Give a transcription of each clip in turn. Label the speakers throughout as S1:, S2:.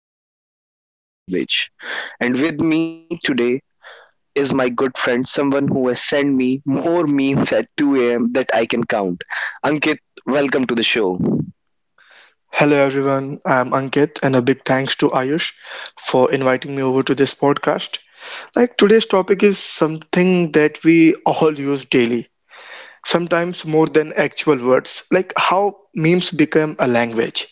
S1: became a full on language. And with me today is my good friend, someone who has sent me more memes at 2 a.m. that I can count. Ankit, welcome to the show.
S2: Hello everyone, I'm Ankit, and a big thanks to Ayush for inviting me over to this podcast. Today's topic is something that we all use daily, sometimes more than actual words. Like, how memes become a language.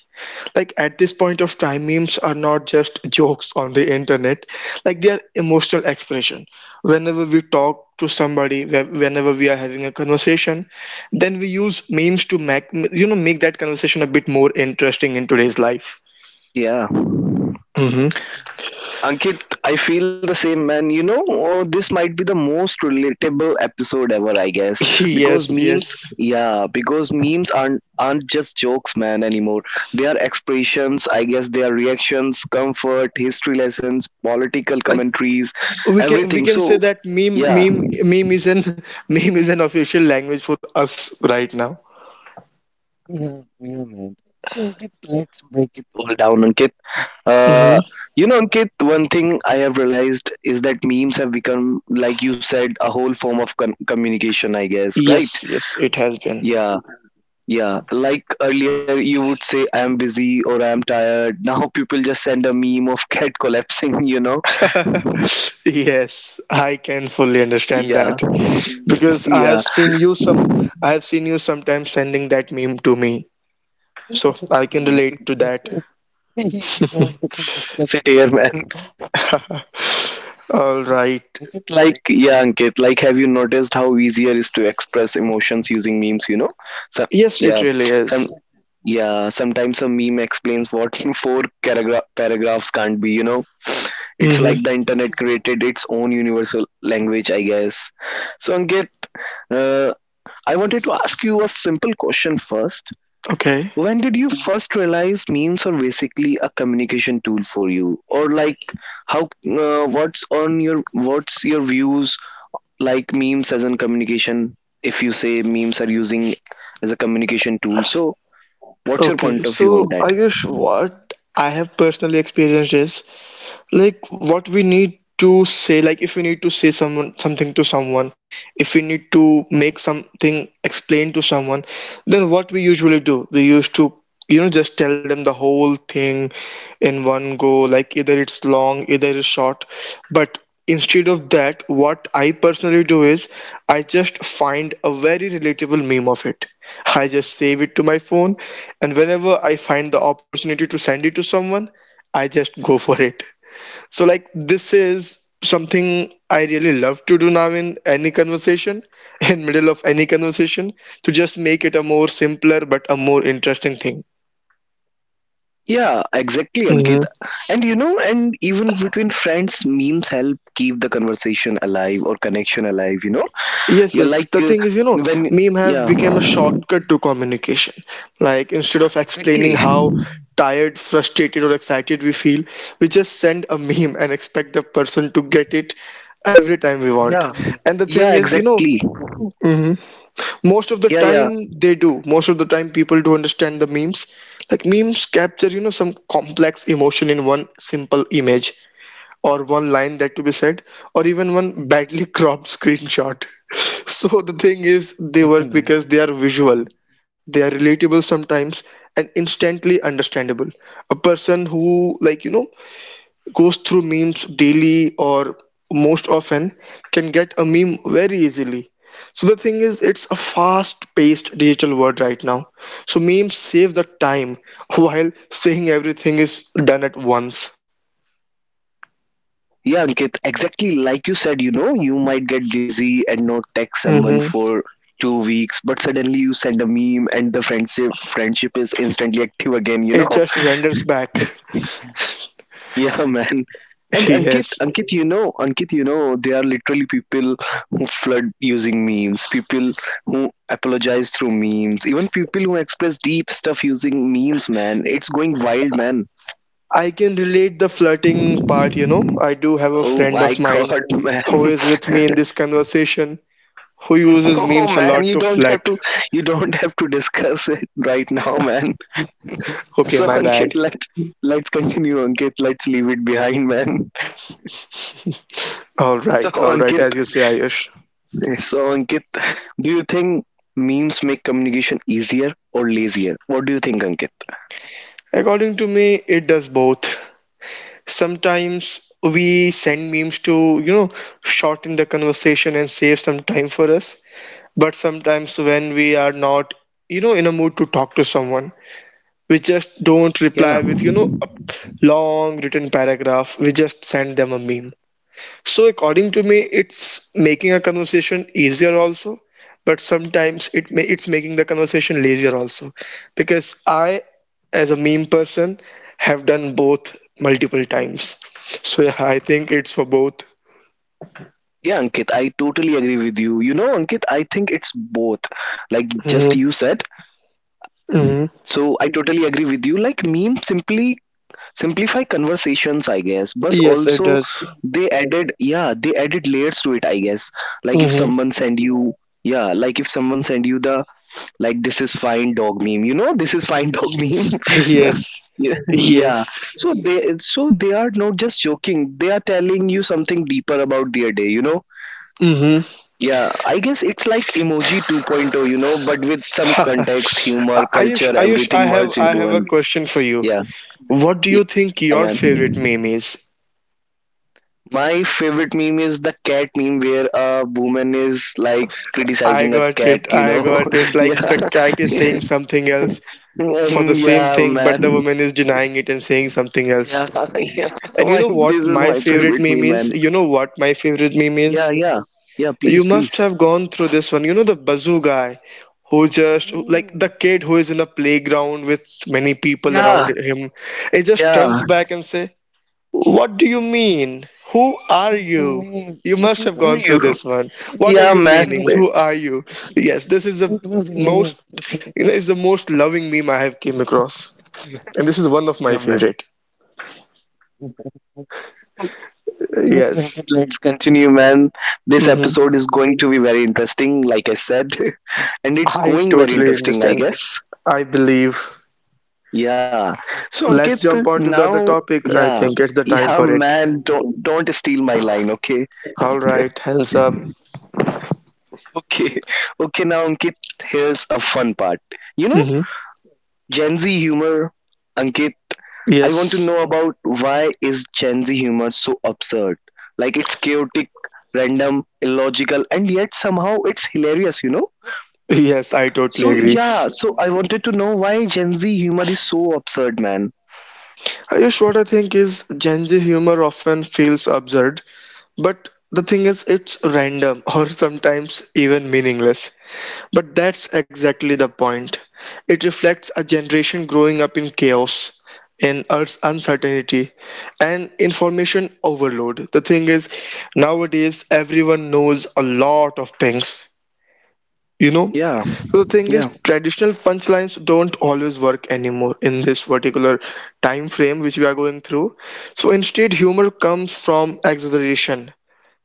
S2: Like, at this point of time memes are not just jokes on the internet. Like, they are emotional expression. Whenever we talk to somebody, whenever we are having a conversation, then we use memes to make you know make that conversation a bit more interesting in today's life.
S1: Yeah.
S2: Hmm.
S1: Ankit, I feel the same, man. You know, oh, this might be the most relatable episode ever, I guess, because
S2: Yes,
S1: memes,
S2: yes.
S1: yeah, because memes aren't just jokes, man, anymore. They are expressions, I guess. They are reactions, comfort, history lessons, political
S2: Like,
S1: commentaries,
S2: we can we
S1: everything.
S2: can say
S1: So,
S2: that meme
S1: yeah.
S2: meme meme is an meme is an official language for us right now.
S1: Yeah, yeah, man. So Ankit, let's break it all down, Ankit. Uh,
S2: Hmm.
S1: you know, Ankit, one thing I have realized is that memes have become, like you said, a whole form of communication, I guess, right?
S2: Yes, yes, it has been.
S1: Yeah, yeah. Like earlier, you would say, I'm busy or I'm tired. Now people just send a meme of cat collapsing, you know?
S2: Yes, I can fully understand
S1: Yeah,
S2: that, because I
S1: yeah.
S2: have seen you some, I have seen you sometimes sending that meme to me. So I
S1: Oh,
S2: can
S1: man.
S2: relate to that.
S1: You don't have to discuss it here, man.
S2: All right.
S1: But like, yeah, Ankit, like, have you noticed how easier it is to express emotions using memes, you know? So,
S2: Yes, it
S1: yeah.
S2: really
S1: Some,
S2: is.
S1: Yeah, sometimes a meme explains what paragraphs can't be, you know. It's like the
S2: Mm-hmm.
S1: internet created its own universal language, I guess. So, Ankit, uh, I wanted to ask you a simple question first.
S2: Okay.
S1: When did you first realize memes are basically a communication tool for you, or like how what's on your what's your views like memes as in communication, if you say memes are using as a communication tool, so what's your
S2: Okay.
S1: point of view
S2: So
S1: on that?
S2: Ayush, what I have personally experienced is, like, what we need to say, like, if we need to say someone something to someone, if we need to make something explain to someone, then what we usually do, we used to, you know, just tell them the whole thing in one go, like, either it's long, either it's short. But instead of that, what I personally do is I just find a very relatable meme of it, I just save it to my phone, and whenever I find the opportunity to send it to someone, I just go for it. So, like, this is something I really love to do now in any conversation, in middle of any conversation, to just make it a more simpler but a more interesting thing.
S1: Yeah, exactly, Ankit.
S2: Hmm.
S1: And you know, and even between friends memes help keep the conversation alive or connection alive, you know?
S2: Yes,
S1: Yeah,
S2: yes.
S1: like
S2: The
S1: uh,
S2: thing is, you know,
S1: when
S2: meme have
S1: yeah.
S2: become a shortcut to communication. Like, instead
S1: Yeah,
S2: of explaining
S1: exactly.
S2: how tired, frustrated, or excited we feel, we just send a meme and expect the person to get it every time we want.
S1: Yeah.
S2: And the thing
S1: Yeah,
S2: is, you know,
S1: exactly.
S2: most of the
S1: Yeah.
S2: time they do most of the time people do understand the memes. Like, memes capture, you know, some complex emotion in one simple image, or one line that to be said, or even one badly cropped screenshot. So the thing is, they work
S1: Yeah.
S2: because they are visual, they are relatable sometimes, and instantly understandable. A person who, like, you know, goes through memes daily or most often can get a meme very easily. So the thing is, it's a fast-paced digital world right now. So memes save the time while saying everything is done at once.
S1: Yeah, Ankit, exactly like you said, you know, you might get busy and not text someone
S2: Hmm.
S1: for 2 weeks, but suddenly you send a meme and the friendship is instantly active again, you know?
S2: It just renders back.
S1: Yeah, man. And
S2: Yes.
S1: Ankit, you know, there are literally people who flood using memes, people who apologize through memes, even people who express deep stuff using memes, man. It's going wild, man.
S2: I can relate the flirting part, you know. I do have a
S1: Oh
S2: friend
S1: my
S2: of mine
S1: god,
S2: who
S1: man.
S2: is with me in this conversation, who uses
S1: No,
S2: memes a
S1: man,
S2: lot
S1: you
S2: to
S1: don't have
S2: flirt.
S1: to. You don't have to discuss it right now, man.
S2: Okay,
S1: So,
S2: my
S1: Ankit,
S2: bad.
S1: let's continue, Ankit. Let's leave it behind, man. So,
S2: All right,
S1: Ankit,
S2: as you say, Ayush.
S1: so Ankit, do you think memes make communication easier or lazier? What do you think, Ankit?
S2: According to me, it does both. Sometimes we send memes to, you know, shorten the conversation and save some time for us. But sometimes when we are not, you know, in a mood to talk to someone, we just
S1: Yeah.
S2: don't reply with, you know, a long written paragraph. We just send them a meme. So, according to me, it's making a conversation easier also, but sometimes it's making the conversation lazier also, because I, as a meme person, have done both multiple times. So yeah, I think it's for both.
S1: Yeah, Ankit, I totally agree with you. You know, Ankit, I think it's both. Like just
S2: Hmm.
S1: you said.
S2: Hmm.
S1: So I totally agree with you. Like meme simply simplify conversations, I guess. But
S2: Yes, it
S1: also
S2: does.
S1: they added, yeah, they added layers to it, I guess. Like if
S2: Hmm.
S1: someone send you, yeah, like if someone send you the like this is fine dog meme, you know, this is fine dog meme.
S2: Yes,
S1: yeah, yeah.
S2: yes.
S1: So they are not just joking, they are telling you something deeper about their day, you know.
S2: Hmm.
S1: Yeah, I guess it's like emoji 2.0, you know, but with some context, humor,
S2: Ayush,
S1: culture,
S2: Ayush,
S1: everything merged
S2: I
S1: into
S2: have a
S1: one.
S2: question for you.
S1: Yeah,
S2: What do
S1: yeah,
S2: you think your favorite
S1: man.
S2: meme is?
S1: My favorite meme is the cat meme where a woman is like
S2: I
S1: criticizing a
S2: got
S1: cat,
S2: it.
S1: you
S2: I
S1: know.
S2: got it. Like, the
S1: yeah.
S2: cat is saying something else for the
S1: And
S2: same
S1: yeah,
S2: thing, but the
S1: man.
S2: woman is denying it and saying something
S1: Yeah,
S2: else.
S1: yeah.
S2: And you know what
S1: This is
S2: my
S1: my
S2: favorite
S1: favorite
S2: meme
S1: meme, man.
S2: is? You know what my favorite meme
S1: Yeah,
S2: is?
S1: yeah. Yeah, please,
S2: You must
S1: please.
S2: have gone through this one. You know the bazoo guy who just like
S1: Oh,
S2: the kid who is in a playground with many people around
S1: yeah,
S2: him. It just turns
S1: yeah.
S2: back and say, what do you mean? Who are
S1: What do you
S2: you?
S1: mean?
S2: You
S1: You
S2: must
S1: Who
S2: have
S1: are
S2: gone through
S1: you?
S2: this one. What are
S1: Yeah,
S2: you
S1: man.
S2: meaning? Who are you? Yes, this is the
S1: It was
S2: most,
S1: hilarious.
S2: you know, it's the most loving meme I have came across,
S1: Yeah,
S2: and this is one of my
S1: yeah, man.
S2: favorite.
S1: Anyway, Ankit,
S2: Yes.
S1: let's continue, man. This
S2: Mm-hmm.
S1: episode is going to be very interesting, like I said, and it's
S2: I
S1: going very
S2: totally
S1: interesting, I
S2: understand.
S1: guess.
S2: I believe.
S1: Yeah. So,
S2: Let's
S1: Ankit,
S2: jump on to the other
S1: now,
S2: topic. I
S1: yeah,
S2: think it's the time
S1: yeah,
S2: for it.
S1: man, don't steal my line, okay?
S2: All right, hands up.
S1: Okay, okay. Now, Ankit, here's a fun part. You know.
S2: Mm-hmm.
S1: Gen Z humor, Ankit. I want to
S2: Yes.
S1: know about why is Gen Z humor so absurd? Like it's chaotic, random, illogical, and yet somehow it's hilarious, you know?
S2: Yes, I totally
S1: So
S2: agree.
S1: yeah, so I wanted to know why Gen Z humor is so absurd, man.
S2: Ayush, what I think is Gen Z humor often feels absurd. But the thing is, it's random or sometimes even meaningless. But that's exactly the point. It reflects a generation growing up in chaos, in uncertainty, and information overload. The thing is, nowadays everyone knows a lot of things, you know?
S1: Yeah,
S2: So the thing
S1: yeah,
S2: is, traditional punchlines don't always work anymore in this particular time frame which we are going through. So instead, humor comes from exaggeration,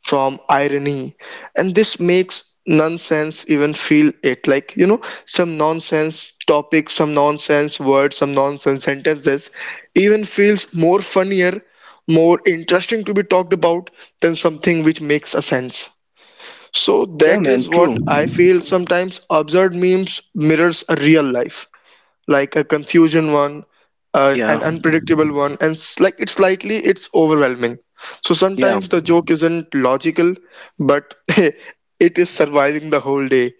S2: from irony, and this makes nonsense even feel it, like, you know, some nonsense topics, some nonsense words, some nonsense sentences even feels more funnier, more interesting to be talked about than something which makes a sense. So
S1: yeah,
S2: that
S1: man.
S2: is what
S1: True.
S2: I feel. Sometimes absurd memes mirrors a real life, like a confusion one,
S1: Yeah,
S2: an unpredictable one, and like it's slightly, it's overwhelming. So
S1: yeah.
S2: sometimes the joke isn't logical, but it is surviving the whole day.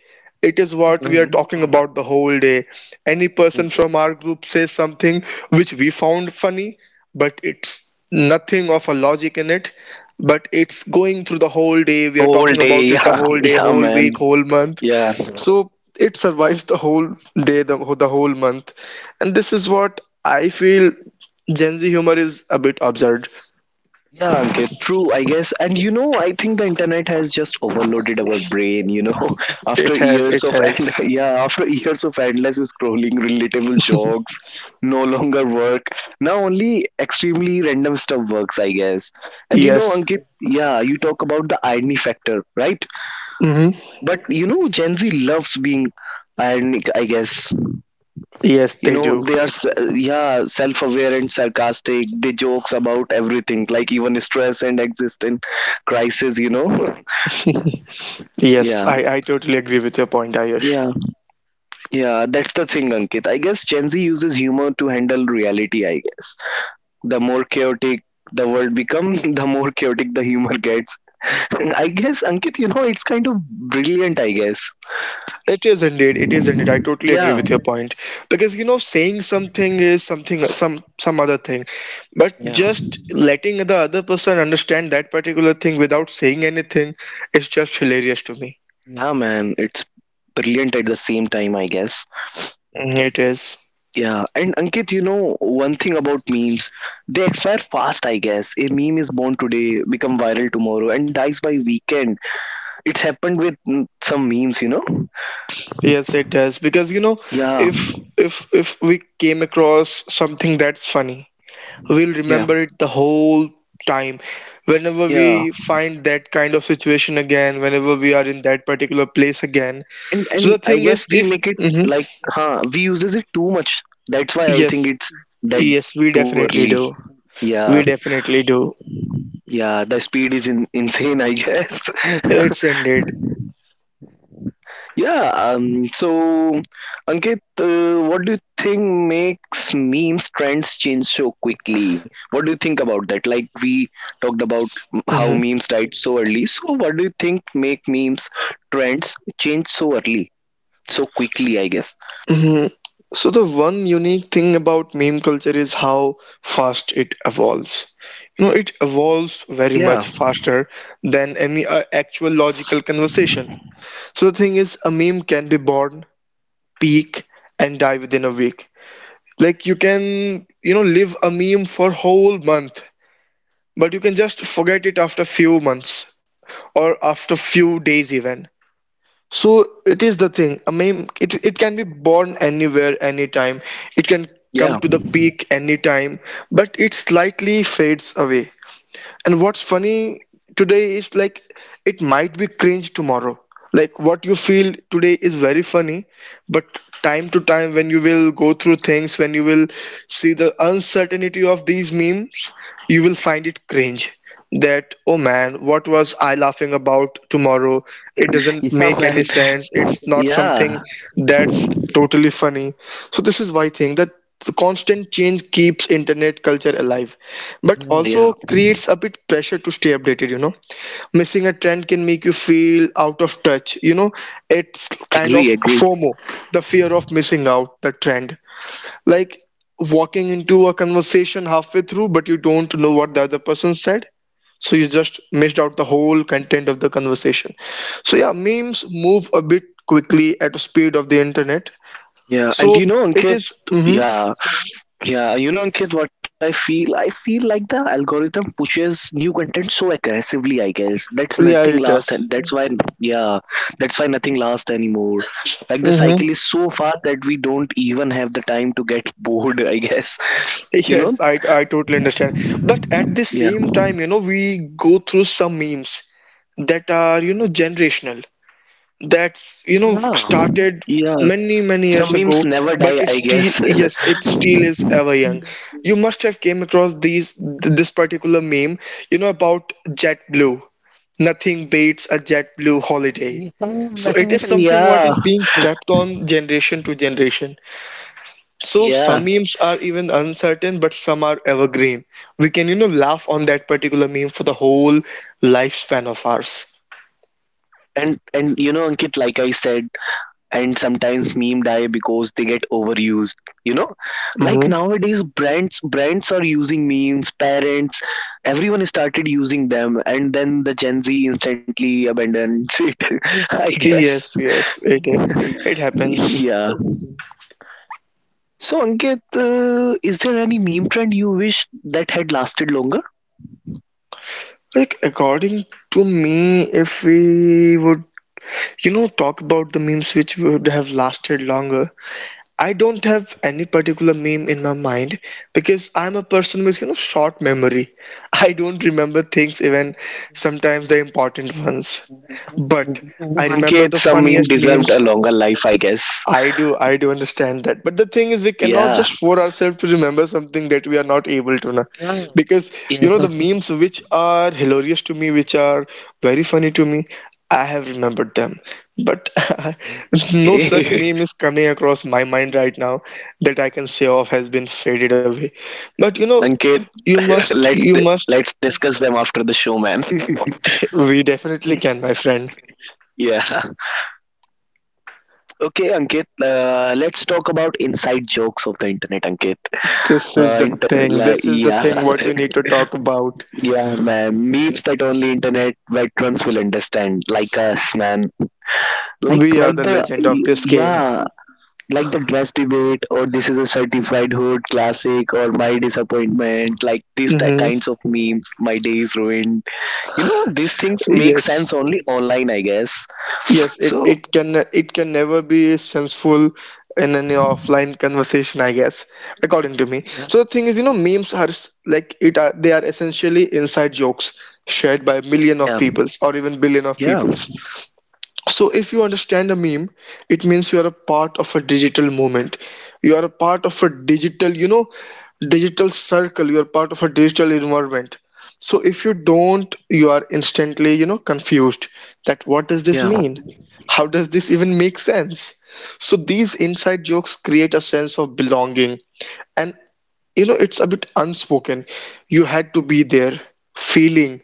S2: It is what we are
S1: Man,
S2: talking
S1: true.
S2: about the whole day. Any person
S1: True.
S2: from our group says something which we found funny, but it's nothing of a logic in it. But it's going through the whole day. We are
S1: Whole
S2: talking
S1: day.
S2: about it the
S1: Yeah,
S2: whole day,
S1: yeah,
S2: whole
S1: man.
S2: week, whole month.
S1: Yeah.
S2: So it survives the whole day, the whole month. And this is what I feel, Gen Z humor is a bit absurd.
S1: Yeah, Ankit, true, I guess. And you know, I think the internet has just overloaded our brain, you know,
S2: It
S1: after
S2: has,
S1: years
S2: it
S1: of and
S2: has.
S1: yeah, after years of endless scrolling, relatable jokes no longer work. Now only extremely random stuff works, I guess. And you know,
S2: Yes.
S1: Ankit, yeah, you talk about the irony factor, right?
S2: Hmm.
S1: But you know, Gen Z loves being ironic, I guess.
S2: Yes,
S1: You
S2: they
S1: know
S2: do.
S1: they are yeah, self-aware and sarcastic. They jokes about everything, like even stress and existent crisis, you know.
S2: Yes,
S1: Yeah,
S2: I totally agree with your point, Ayush.
S1: yeah, yeah, that's the thing, Ankit. I guess Gen Z uses humor to handle reality, I guess. The more chaotic the world becomes, the more chaotic the humor gets. I guess, Ankit, you know, it's kind of brilliant, I guess.
S2: It is indeed. It is indeed. I totally agree
S1: Yeah,
S2: with your point, because you know, saying something is something, some other thing, but
S1: yeah.
S2: just letting the other person understand that particular thing without saying anything is just hilarious to me.
S1: Yeah, man, it's brilliant at the same time, I guess.
S2: Mm. It is.
S1: Yeah, and Ankit, you know one thing about memes, they expire fast. I guess a meme is born today, become viral tomorrow, and dies by weekend. It's happened with some memes, you know.
S2: Yes, it does, because you know,
S1: Yeah,
S2: if if we came across something that's funny, we'll
S1: yeah,
S2: remember it the whole time. Whenever
S1: yeah,
S2: we find that kind of situation again, whenever we are in that particular place again. So the
S1: and I
S2: thing
S1: guess
S2: is,
S1: we
S2: if
S1: make it
S2: mhm,
S1: like, we uses it too much. That's why I think
S2: yes,
S1: it's dead
S2: yes, we
S1: too
S2: definitely
S1: early.
S2: do.
S1: Yeah,
S2: We definitely do.
S1: yeah, the speed is insane. I guess.
S2: It's ended.
S1: Yeah, so Ankit, what do you think makes memes trends change so quickly? What do you think about that? Like we talked about how
S2: Hmm.
S1: memes died so early. So what do you think make memes trends change so early, so quickly, I guess?
S2: Hmm. So the one unique thing about meme culture is how fast it evolves. You know, it evolves very much
S1: Yeah,
S2: faster than any actual logical conversation. So the thing is, a meme can be born, peak, and die within a week. Like, you can, you know, live a meme for whole month, but you can just forget it after few months, or after few days even. So it is the thing, I mean, it can be born anywhere, anytime. It can come
S1: yeah,
S2: to the peak anytime, but it slightly fades away. And what's funny today is, like, it might be cringe tomorrow. Like, what you feel today is very funny, but time to time when you will go through things, when you will see the uncertainty of these memes, you will find it cringe. That, oh man, what was I laughing about tomorrow? It doesn't
S1: yeah,
S2: make any
S1: man.
S2: sense. It's not something
S1: Yeah.
S2: that's totally funny. So this is why I think that the constant change keeps internet culture alive, but
S1: Yeah.
S2: also
S1: Yeah.
S2: creates a bit pressure to stay updated, you know. Missing a trend can make you feel out of touch, you know. It's kind
S1: Agree,
S2: of
S1: agree.
S2: FOMO, the fear of missing out the trend, like walking into a conversation halfway through but you don't know what the other person said, so you just missed out the whole content of the conversation. So yeah, memes move a bit quickly at the speed of the internet.
S1: Yeah, and
S2: So
S1: you know,
S2: it
S1: Ankit,
S2: is- mhm.
S1: yeah, yeah, you know, Ankit, what I feel like the algorithm pushes new content so aggressively. I guess that's
S2: Yeah,
S1: nothing
S2: it
S1: last,
S2: does.
S1: and that's why, yeah, that's why nothing lasts anymore. Like the
S2: Mm-hmm.
S1: cycle is so fast that we don't even have the time to get bored. I guess, you
S2: Yes,
S1: know,
S2: I totally understand. But at the
S1: yeah,
S2: same time, you know, we go through some memes that are, you know, generational. That's, you know,
S1: yeah,
S2: started
S1: yeah.
S2: many, many
S1: Some
S2: years
S1: memes
S2: ago,
S1: never
S2: but
S1: die.
S2: it
S1: I
S2: still,
S1: guess.
S2: yes, it still is ever young. You must have came across these this particular meme, you know, about JetBlue. Nothing beats a JetBlue holiday.
S1: Yeah,
S2: So it is
S1: man.
S2: something what
S1: Yeah,
S2: is being kept on generation to generation. So
S1: yeah.
S2: some memes are even uncertain, but some are evergreen. We can, you know, laugh on that particular meme for the whole lifespan of ours.
S1: And you know, Ankit, like I said, and sometimes meme die because they get overused, you know.
S2: Hmm.
S1: Like nowadays brands are using memes, parents, everyone started using them, and then the Gen Z instantly abandons it. I guess.
S2: Yes, yes, it happens.
S1: Yeah, so Ankit, is there any meme trend you wish that had lasted longer?
S2: Like, according to me, if we would, you know, talk about the memes which would have lasted longer, I don't have any particular meme in my mind because I'm a person with, you know, short memory. I don't remember things even sometimes the important ones. But I remember
S1: Ankit,
S2: the
S1: some meme
S2: funniest
S1: deserved
S2: memes.
S1: a longer life, I guess.
S2: I do understand that. But the thing is, we cannot
S1: Yeah.
S2: just force ourselves to remember something that we are not able to. Na.
S1: Yeah.
S2: Because,
S1: Yeah.
S2: you know, the memes which are hilarious to me, which are very funny to me, I have remembered them. But no such
S1: Okay.
S2: meme is coming across my mind right now that I can say off has been faded away. But, you know,
S1: Ankit,
S2: you must,
S1: let
S2: you must,
S1: let's discuss them after the show, man.
S2: we definitely can, my friend.
S1: yeah. Okay, Ankit. Let's talk about inside jokes of the internet, Ankit.
S2: This is the thing, this is the thing
S1: Yeah,
S2: what we need to talk about.
S1: yeah, man. Memes that only internet veterans will understand, like us, man.
S2: We are
S1: Like
S2: the
S1: the
S2: legend of this game.
S1: yeah. Like the dress debate, or this is a certified hood classic, or my disappointment, like these
S2: Hmm.
S1: kinds of memes, my day is ruined, you know. These things make sense
S2: Yes,
S1: only online, I guess.
S2: yes, it,
S1: So
S2: it can never be sensible in any offline conversation, I guess, according to me.
S1: yeah,
S2: So the thing is, you know, memes are s- like it are they are essentially inside jokes shared by million of
S1: yeah,
S2: peoples or even billion of
S1: yeah,
S2: peoples. So, if you understand a meme, it means you are a part of a digital movement. You are a part of a digital, you know, digital circle. You are part of a digital environment. So, if you don't, you are instantly, you know, confused that what does this
S1: yeah,
S2: mean? How does this even make sense? So, these inside jokes create a sense of belonging. And, you know, it's a bit unspoken. You had to be there feeling.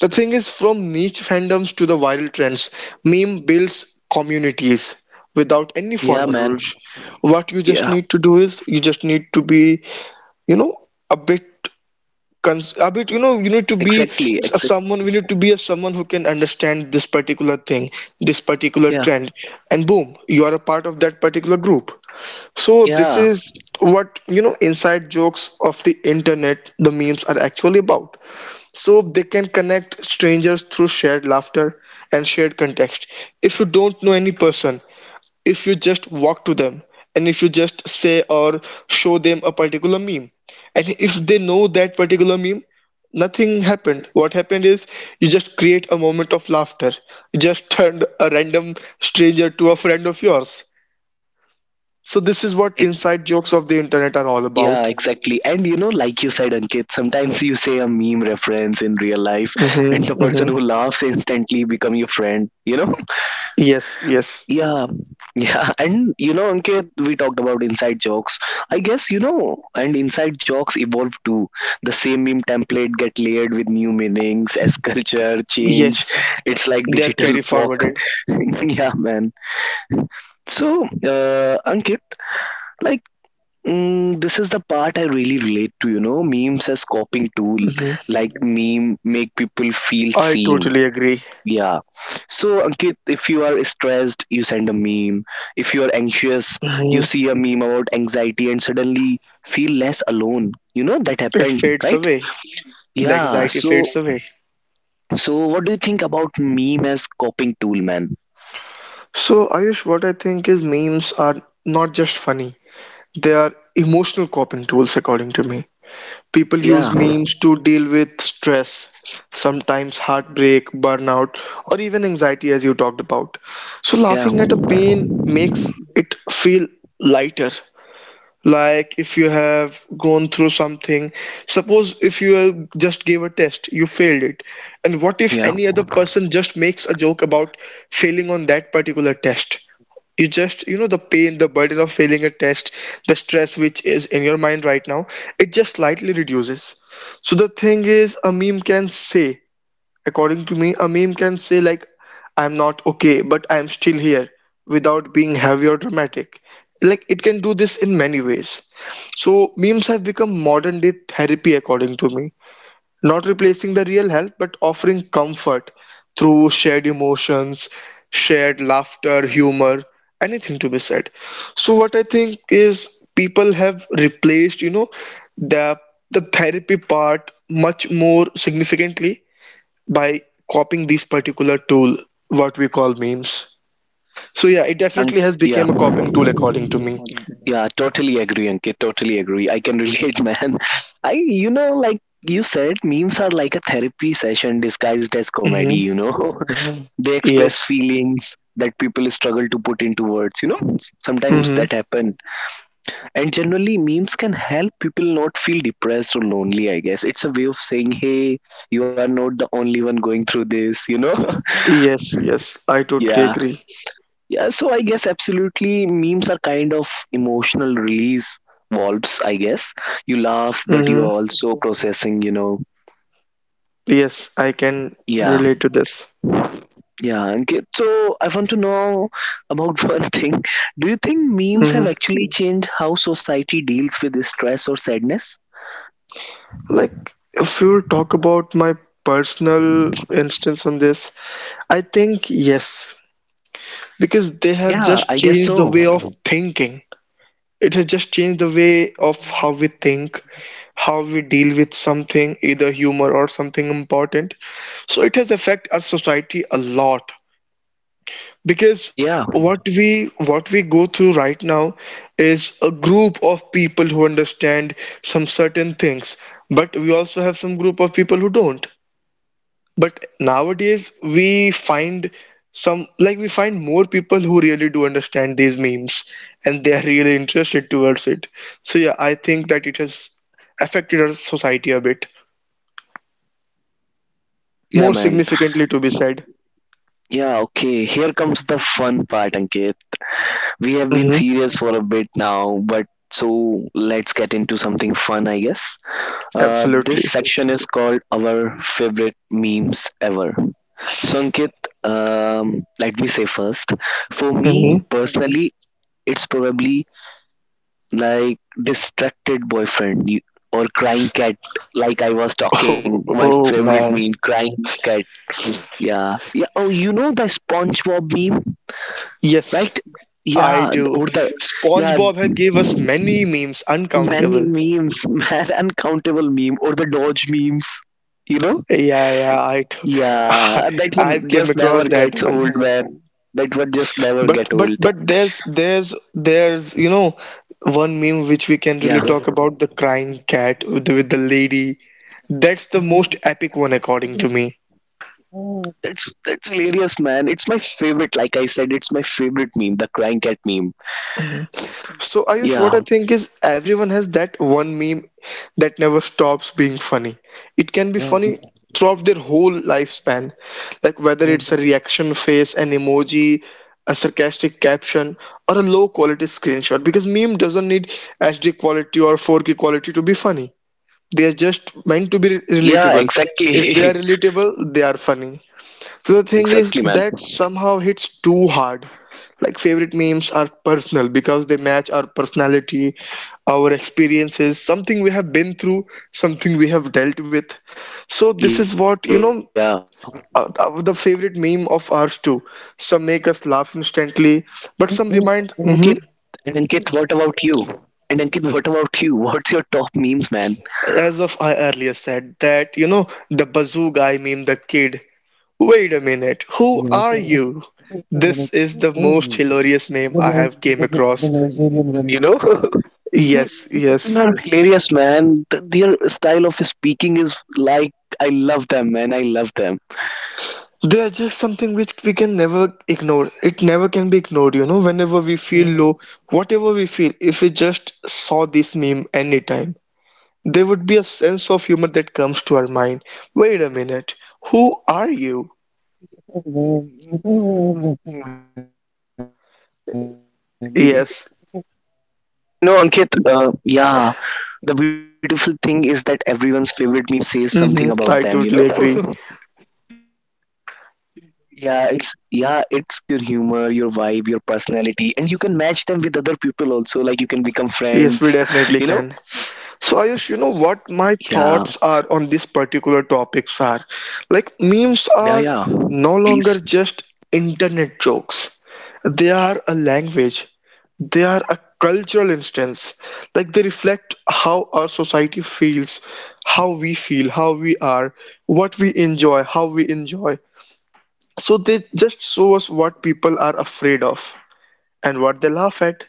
S2: The thing is, from niche fandoms to the viral trends, meme builds communities without any
S1: yeah,
S2: formal rules.
S1: man.
S2: What you just
S1: Yeah,
S2: need to do is you just need to be, you know, a bit. A bit, you know, you need to be
S1: exactly.
S2: s- a
S1: Except
S2: someone we need to be a someone who can understand this particular thing, this particular
S1: yeah,
S2: trend, and boom, you are a part of that particular group. So this
S1: yeah,
S2: is what, you know, inside jokes of the internet, the memes, are actually about. So they can connect strangers through shared laughter and shared context. If you don't know any person, if you just walk to them and if you just say or show them a particular meme, and if they know that particular meme, nothing happened. What happened is you just create a moment of laughter, you just turned a random stranger to a friend of yours. So, this is what
S1: ex-
S2: inside jokes of the internet are all
S1: yeah
S2: about.
S1: exactly. And you know, like you said, Ankit, sometimes you say a meme reference in real life and
S2: Mm-hmm,
S1: the
S2: mm-hmm.
S1: person who laughs instantly become your friend, you know.
S2: Yes, yes,
S1: Yeah, yeah, and you know, Ankit, we talked about inside jokes. I guess you know, and inside jokes evolve too. The same meme template get layered with new meanings as culture change.
S2: yes,
S1: It's like
S2: they are
S1: digital
S2: carry
S1: fork.
S2: forwarded.
S1: yeah, man. So, Ankit, like. This is the part I really relate to, you know, memes as coping tool. Like meme make people feel
S2: I
S1: seen.
S2: totally agree.
S1: Yeah. So, Ankit, if you are stressed, you send a meme. If you are anxious, you
S2: Mhm.
S1: see a meme about anxiety and suddenly feel less alone. You know, that
S2: It
S1: happened,
S2: fades
S1: right?
S2: away. The
S1: Yeah.
S2: anxiety fades
S1: So,
S2: away.
S1: so what do you think about meme as coping tool, man?
S2: So, Ayush, what I think is memes are not just funny, they are emotional coping tools, according to me. People
S1: Yeah.
S2: use memes to deal with stress, sometimes heartbreak, burnout, or even anxiety, as you talked about. So,
S1: Yeah.
S2: laughing at a pain makes it feel lighter. Like if you have gone through something, suppose if you just gave a test, you failed it, and what if
S1: Yeah.
S2: any other person just makes a joke about failing on that particular test? You just, you know, the pain, the burden of failing a test, the stress which is in your mind right now, it just slightly reduces. So the thing is a meme can say, according to me a meme can say like, I'm not okay but I'm still here, without being heavy or dramatic. Like it can do this in many ways. So memes have become modern day therapy according to me, not replacing the real help but offering comfort through shared emotions, shared laughter, humor, anything to be said. So what I think is people have replaced, you know, the the therapy part much more significantly by copying this particular tool, what we call memes. So yeah, it
S1: Um,
S2: definitely has
S1: yeah.
S2: become a copying tool according to me.
S1: Yeah. Totally agree, Ankit. Totally agree. I can relate, man. I, you know, like you said, memes are like a therapy session disguised as comedy,
S2: Hmm.
S1: you know? They express
S2: Yes.
S1: feelings that people struggle to put into words, you know. Sometimes
S2: Mm-hmm.
S1: that happen. And generally memes can help people not feel depressed or lonely, I guess. It's a way of saying hey, you are not the only one going through this, you know.
S2: Yes, yes, I
S1: Yeah,
S2: totally agree.
S1: yeah, so I guess absolutely memes are kind of emotional release valves, I guess. You laugh but you
S2: Hmm.
S1: are also processing, you know.
S2: Yes, I can
S1: Yeah.
S2: relate to this.
S1: Yeah, and so I want to know about one thing. Do you think memes have
S2: Hmm.
S1: actually changed how society deals with this stress or sadness?
S2: Like, if you'll talk about my personal instance on this, I think yes, because they have
S1: Yeah, I
S2: just
S1: guess
S2: changed the
S1: so.
S2: way of thinking. It has just changed the way of how we think, how we deal with something, either humor or something important. So it has affected our society a lot. Because
S1: Yeah,
S2: what we go through right now is a group of people who understand some certain things, but we also have some group of people who don't. But nowadays we find some, like we find more people who really do understand these memes and they are really interested towards it. So yeah, I think that it has affected our society a bit
S1: yeah,
S2: more
S1: man.
S2: significantly, to be said.
S1: Yeah, okay. Here comes the fun part, Ankit. We have been
S2: Hmm.
S1: serious for a bit now, but so let's get into something fun, I guess.
S2: Absolutely.
S1: This section is called Our Favorite Memes Ever. So, Ankit, let me say first, for me
S2: Hmm.
S1: personally, it's probably like distracted boyfriend you- or crying cat, like I was talking.
S2: Oh,
S1: My
S2: oh
S1: favorite meme,
S2: man.
S1: crying cat. Yeah, yeah. Oh, you know the SpongeBob meme, right?
S2: Yes, I
S1: Yeah,
S2: do.
S1: or the yeah,
S2: SpongeBob had gave us many memes,
S1: many
S2: uncountable.
S1: memes, man, uncountable meme, or the Dodge memes. You know?
S2: Yeah, yeah, I t-
S1: Yeah, that one
S2: I came
S1: just never
S2: across that
S1: gets
S2: one.
S1: old, man. That one just never
S2: But
S1: get
S2: but
S1: old.
S2: but there's there's you know one meme which
S1: Yeah.
S2: we can really talk about, the crying cat with the lady. That's the most epic one according to me.
S1: That's hilarious, man. It's my favorite. Like I said, it's my favorite meme, the crying cat meme.
S2: So Ayush, what
S1: Yeah,
S2: I think is everyone has that one meme that never stops being funny. It can be funny throughout their whole lifespan, like whether it's a reaction face, an emoji, a sarcastic caption, or a low quality screenshot. Because meme doesn't need HD quality or 4K quality to be funny. They are just meant to be
S1: yeah,
S2: relatable. If they are
S1: exactly,
S2: relatable, they are funny. The thing is
S1: exactly, man.
S2: that somehow hits too hard. Like favorite memes are personal because they match our personality, our experiences, something we have been through, something we have dealt with. So
S1: Yeah.
S2: this is what, you know, the favorite meme of ours too. Some make us
S1: And
S2: laugh instantly,
S1: Ankit,
S2: but some remind. Mhm.
S1: What about you? And Ankit, what about you? What's your top memes, man?
S2: As of I earlier said, that you know the bazoo guy meme, the kid. Wait a minute, who are you? This is the most hilarious
S1: You
S2: meme I have came across.
S1: know, they, they
S2: Yes,
S1: people are
S2: yes.
S1: hilarious, man. Th- Their style of speaking is like I love them, man. I love them.
S2: They are just something which we can never ignore. It never can be ignored, you know. Whenever we feel low, whatever we feel, if we just saw this meme anytime, there would be a sense of humor that comes to our mind. Wait a minute, who are you?
S1: Mm. And you know,
S2: Yes.
S1: Ankit, yeah, the beautiful thing is that everyone's favorite meme says something about them, you know?
S2: Mm-hmm, I totally agree.
S1: Yeah, it's it reflects your humor, your vibe, your personality, and you can match them with other people also, like you can become friends, you know?
S2: Yes, we definitely can. So
S1: Yeah,
S2: Ayush, you know what my thoughts are on this particular topics are,
S1: yeah,
S2: like
S1: yeah.
S2: memes are
S1: Please.
S2: no longer just internet jokes. They are a language. They are a cultural instance. Like they reflect how our society feels, how we feel, how we are, what we enjoy, how we enjoy. So they just show us what people are afraid of and what they laugh at.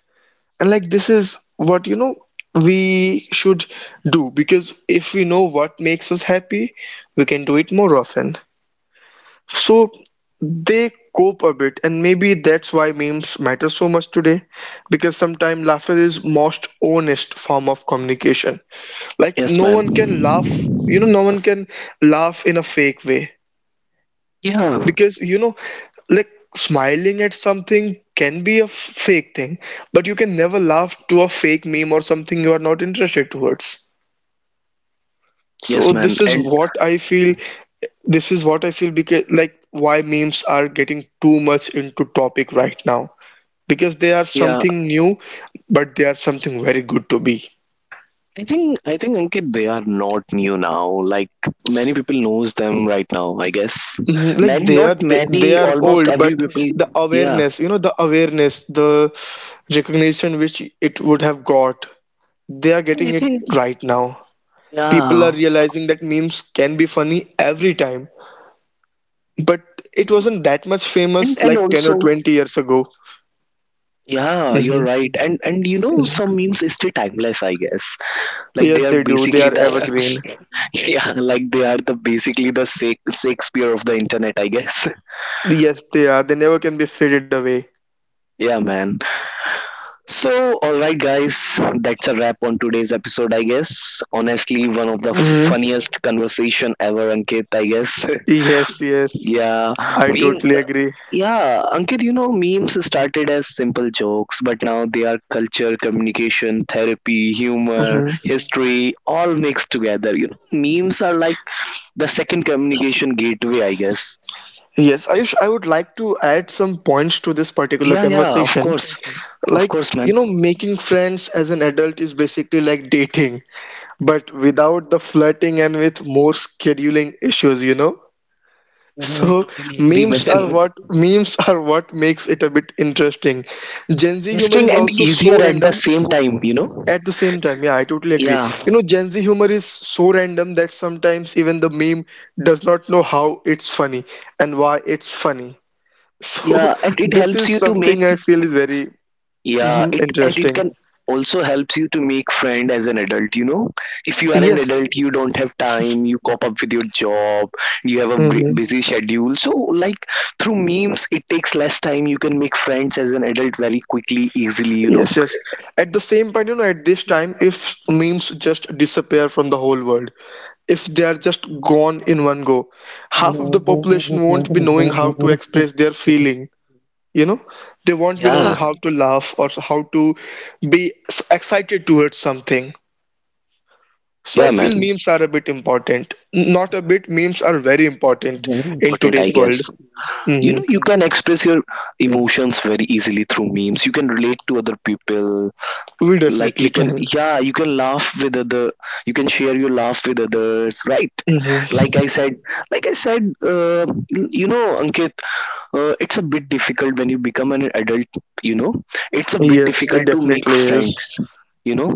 S2: And like this is what, you know, we should do, because if we know what makes us happy, we can do it more often. So they cope a bit, and maybe that's why memes matter so much today, because sometimes laughter is most honest form of communication. Like
S1: Yes,
S2: no
S1: man.
S2: one can laugh, you know, no one can laugh in a fake way.
S1: Yeah.
S2: Because you know, like smiling at something can be a fake thing, but you can never laugh to a fake meme or something you are not interested towards.
S1: Yes,
S2: So
S1: man.
S2: this is
S1: And
S2: what I feel. This is what I feel, because like why memes are getting too much into topic right now, because they are
S1: yeah,
S2: something new, but they are something very good to be.
S1: I think Ankit they are not new now. Like many people knows them right now. I guess
S2: Mhm, like
S1: many,
S2: they
S1: not
S2: are, they
S1: many,
S2: are
S1: almost
S2: old but
S1: every
S2: the
S1: people. Yeah,
S2: awareness, you know, the awareness, the recognition which it would have got, they are
S1: I
S2: getting it
S1: think
S2: right now. People are
S1: yeah,
S2: realizing that memes can be funny every time, but it wasn't that much
S1: and
S2: famous
S1: and
S2: like 10 or
S1: also
S2: 20 years ago.
S1: yeah, you're
S2: Hmm.
S1: right. And you know some memes stay timeless. I guess like
S2: Yeah,
S1: they are
S2: they do. They
S1: basically
S2: are
S1: the
S2: evergreen.
S1: yeah, like they are the basically the Shak- Shakespeare of the internet. I guess
S2: Yes, they are. They never can be faded away.
S1: yeah, man. So, alright, guys, that's a wrap on today's episode, I guess. Honestly, one of the
S2: Hmm.
S1: funniest conversation ever, Ankit, I guess.
S2: Yes, yes.
S1: yeah,
S2: I
S1: meme.
S2: totally agree.
S1: Yeah, Ankit, you know, memes started as simple jokes, but now they are culture, communication, therapy, humor,
S2: Hmm.
S1: history, all mixed together. You know, memes are like the second communication gateway, I guess.
S2: Yes, Ayush, I would like to add some points to this particular
S1: Yeah, yeah, of
S2: conversation.
S1: course. Of
S2: Like,
S1: course, man.
S2: you know, making friends as an adult is basically like dating. But without the flirting and with more scheduling issues, you know.
S1: Mhm, I
S2: So
S1: totally agree,
S2: memes are
S1: man.
S2: what, memes are what makes it a bit interesting. Gen Z humor
S1: Interesting
S2: is
S1: and
S2: also
S1: easier
S2: so
S1: at the
S2: random.
S1: same time, you know?
S2: At the same time, yeah, I totally agree. You
S1: Yeah,
S2: know, Gen Z humor is so random that sometimes even the meme does not know how it's funny and why it's funny. So
S1: yeah, and it
S2: this
S1: helps
S2: is
S1: you to make
S2: something I feel is very.
S1: yeah
S2: Mhm,
S1: it and it
S2: interesting.
S1: can also helps you to make friend as an adult, you know? If you are an adult,
S2: Yes.
S1: you don't have time, you cope up with your job, you have a bu-
S2: Mm-hmm.
S1: busy schedule, so like through memes it takes less time, you can make friends as an adult very quickly easily, you know?
S2: Yes, yes. At the same point, you know, at this time, if memes just disappear from the whole world, if they are just gone in one go, half of the population won't be knowing how to express their feeling. You know, they won't be knowing
S1: Yeah,
S2: how to laugh or how to be excited towards something. So I
S1: yeah,
S2: feel
S1: man.
S2: memes are a bit important. Not a bit, memes are very important in
S1: Important, I
S2: today's
S1: guess.
S2: world.
S1: You
S2: Hmm.
S1: know, you can express your emotions very easily through memes, you can relate to other people,
S2: We
S1: like
S2: definitely
S1: you can
S2: can.
S1: yeah you can laugh with other, you can share your laugh with others, right?
S2: Hmm.
S1: Like i said like i said you know Ankit, it's a bit difficult when you become an adult, you know, it's a bit Yeah.
S2: Yes, it
S1: difficult to make
S2: definitely is.
S1: friends, you know?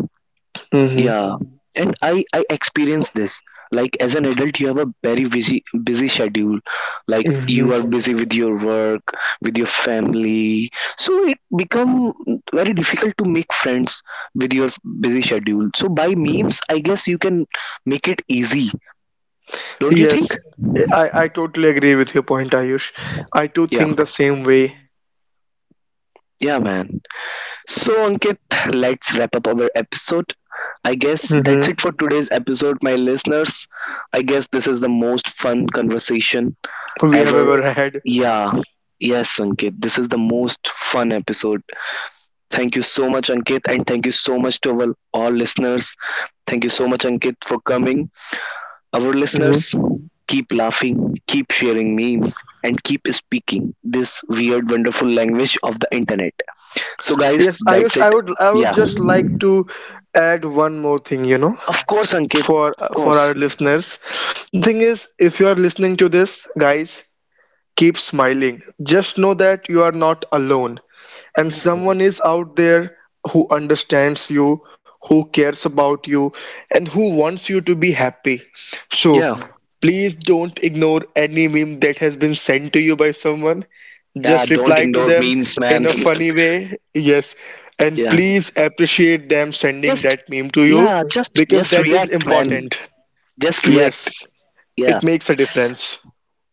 S1: Yeah, and I experienced this. Like as an adult, you have a very busy schedule. Like you are
S2: Hmm.
S1: busy with your work, with your family, so it become very difficult to make friends with your busy schedule. So by memes, I guess you can make it easy, don't you think?
S2: Yes, I totally agree with your point, Ayush. I too
S1: Yeah,
S2: think the same way.
S1: yeah, man. So Ankit, let's wrap up our episode. I guess
S2: Hmm.
S1: that's it for today's episode, my listeners. I guess this is the most fun conversation
S2: We have
S1: ever.
S2: ever had.
S1: Yeah. Yes, Ankit. This is the most fun episode. Thank you so much, Ankit, and thank you so much to our all listeners. Thank you so much, Ankit, for coming. Our
S2: Hmm.
S1: listeners, keep laughing, keep sharing memes, and keep speaking this weird, wonderful language of the internet. So, guys,
S2: Yes,
S1: that's
S2: Ayush,
S1: it.
S2: I would
S1: Yeah.
S2: just like to add one more thing, you know,
S1: Of course, Ankit.
S2: for
S1: Of course.
S2: our listeners. The thing is, if you are listening to this, guys, keep smiling. Just know that you are not alone. And someone is out there who understands you, who cares about you, and who wants you to be happy. So,
S1: Yeah.
S2: please don't ignore any meme that has been sent to you by someone.
S1: Yeah.
S2: Just
S1: Don't
S2: reply to
S1: ignore
S2: them
S1: memes,
S2: in
S1: man.
S2: a funny way. Yes. And
S1: yeah.
S2: please appreciate them sending
S1: Just,
S2: that meme to you
S1: yeah.
S2: because
S1: Just
S2: that is
S1: react, man.
S2: important.
S1: Just react.
S2: Yes.
S1: Yeah,
S2: It makes a difference.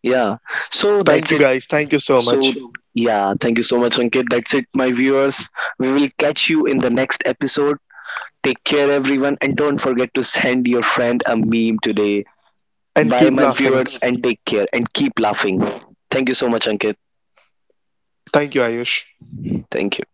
S1: yeah. So
S2: Thank
S1: that's
S2: you
S1: it.
S2: guys. Thank you so
S1: So,
S2: much.
S1: yeah, thank you so much, Ankit. That's it, my viewers. We will catch you in the next episode. Take care, everyone, and don't forget to send your friend a meme today.
S2: And
S1: Bye,
S2: keep
S1: my
S2: laughing.
S1: viewers, and take care and keep laughing. Thank you so much, Ankit.
S2: Thank you, Ayush.
S1: Thank you.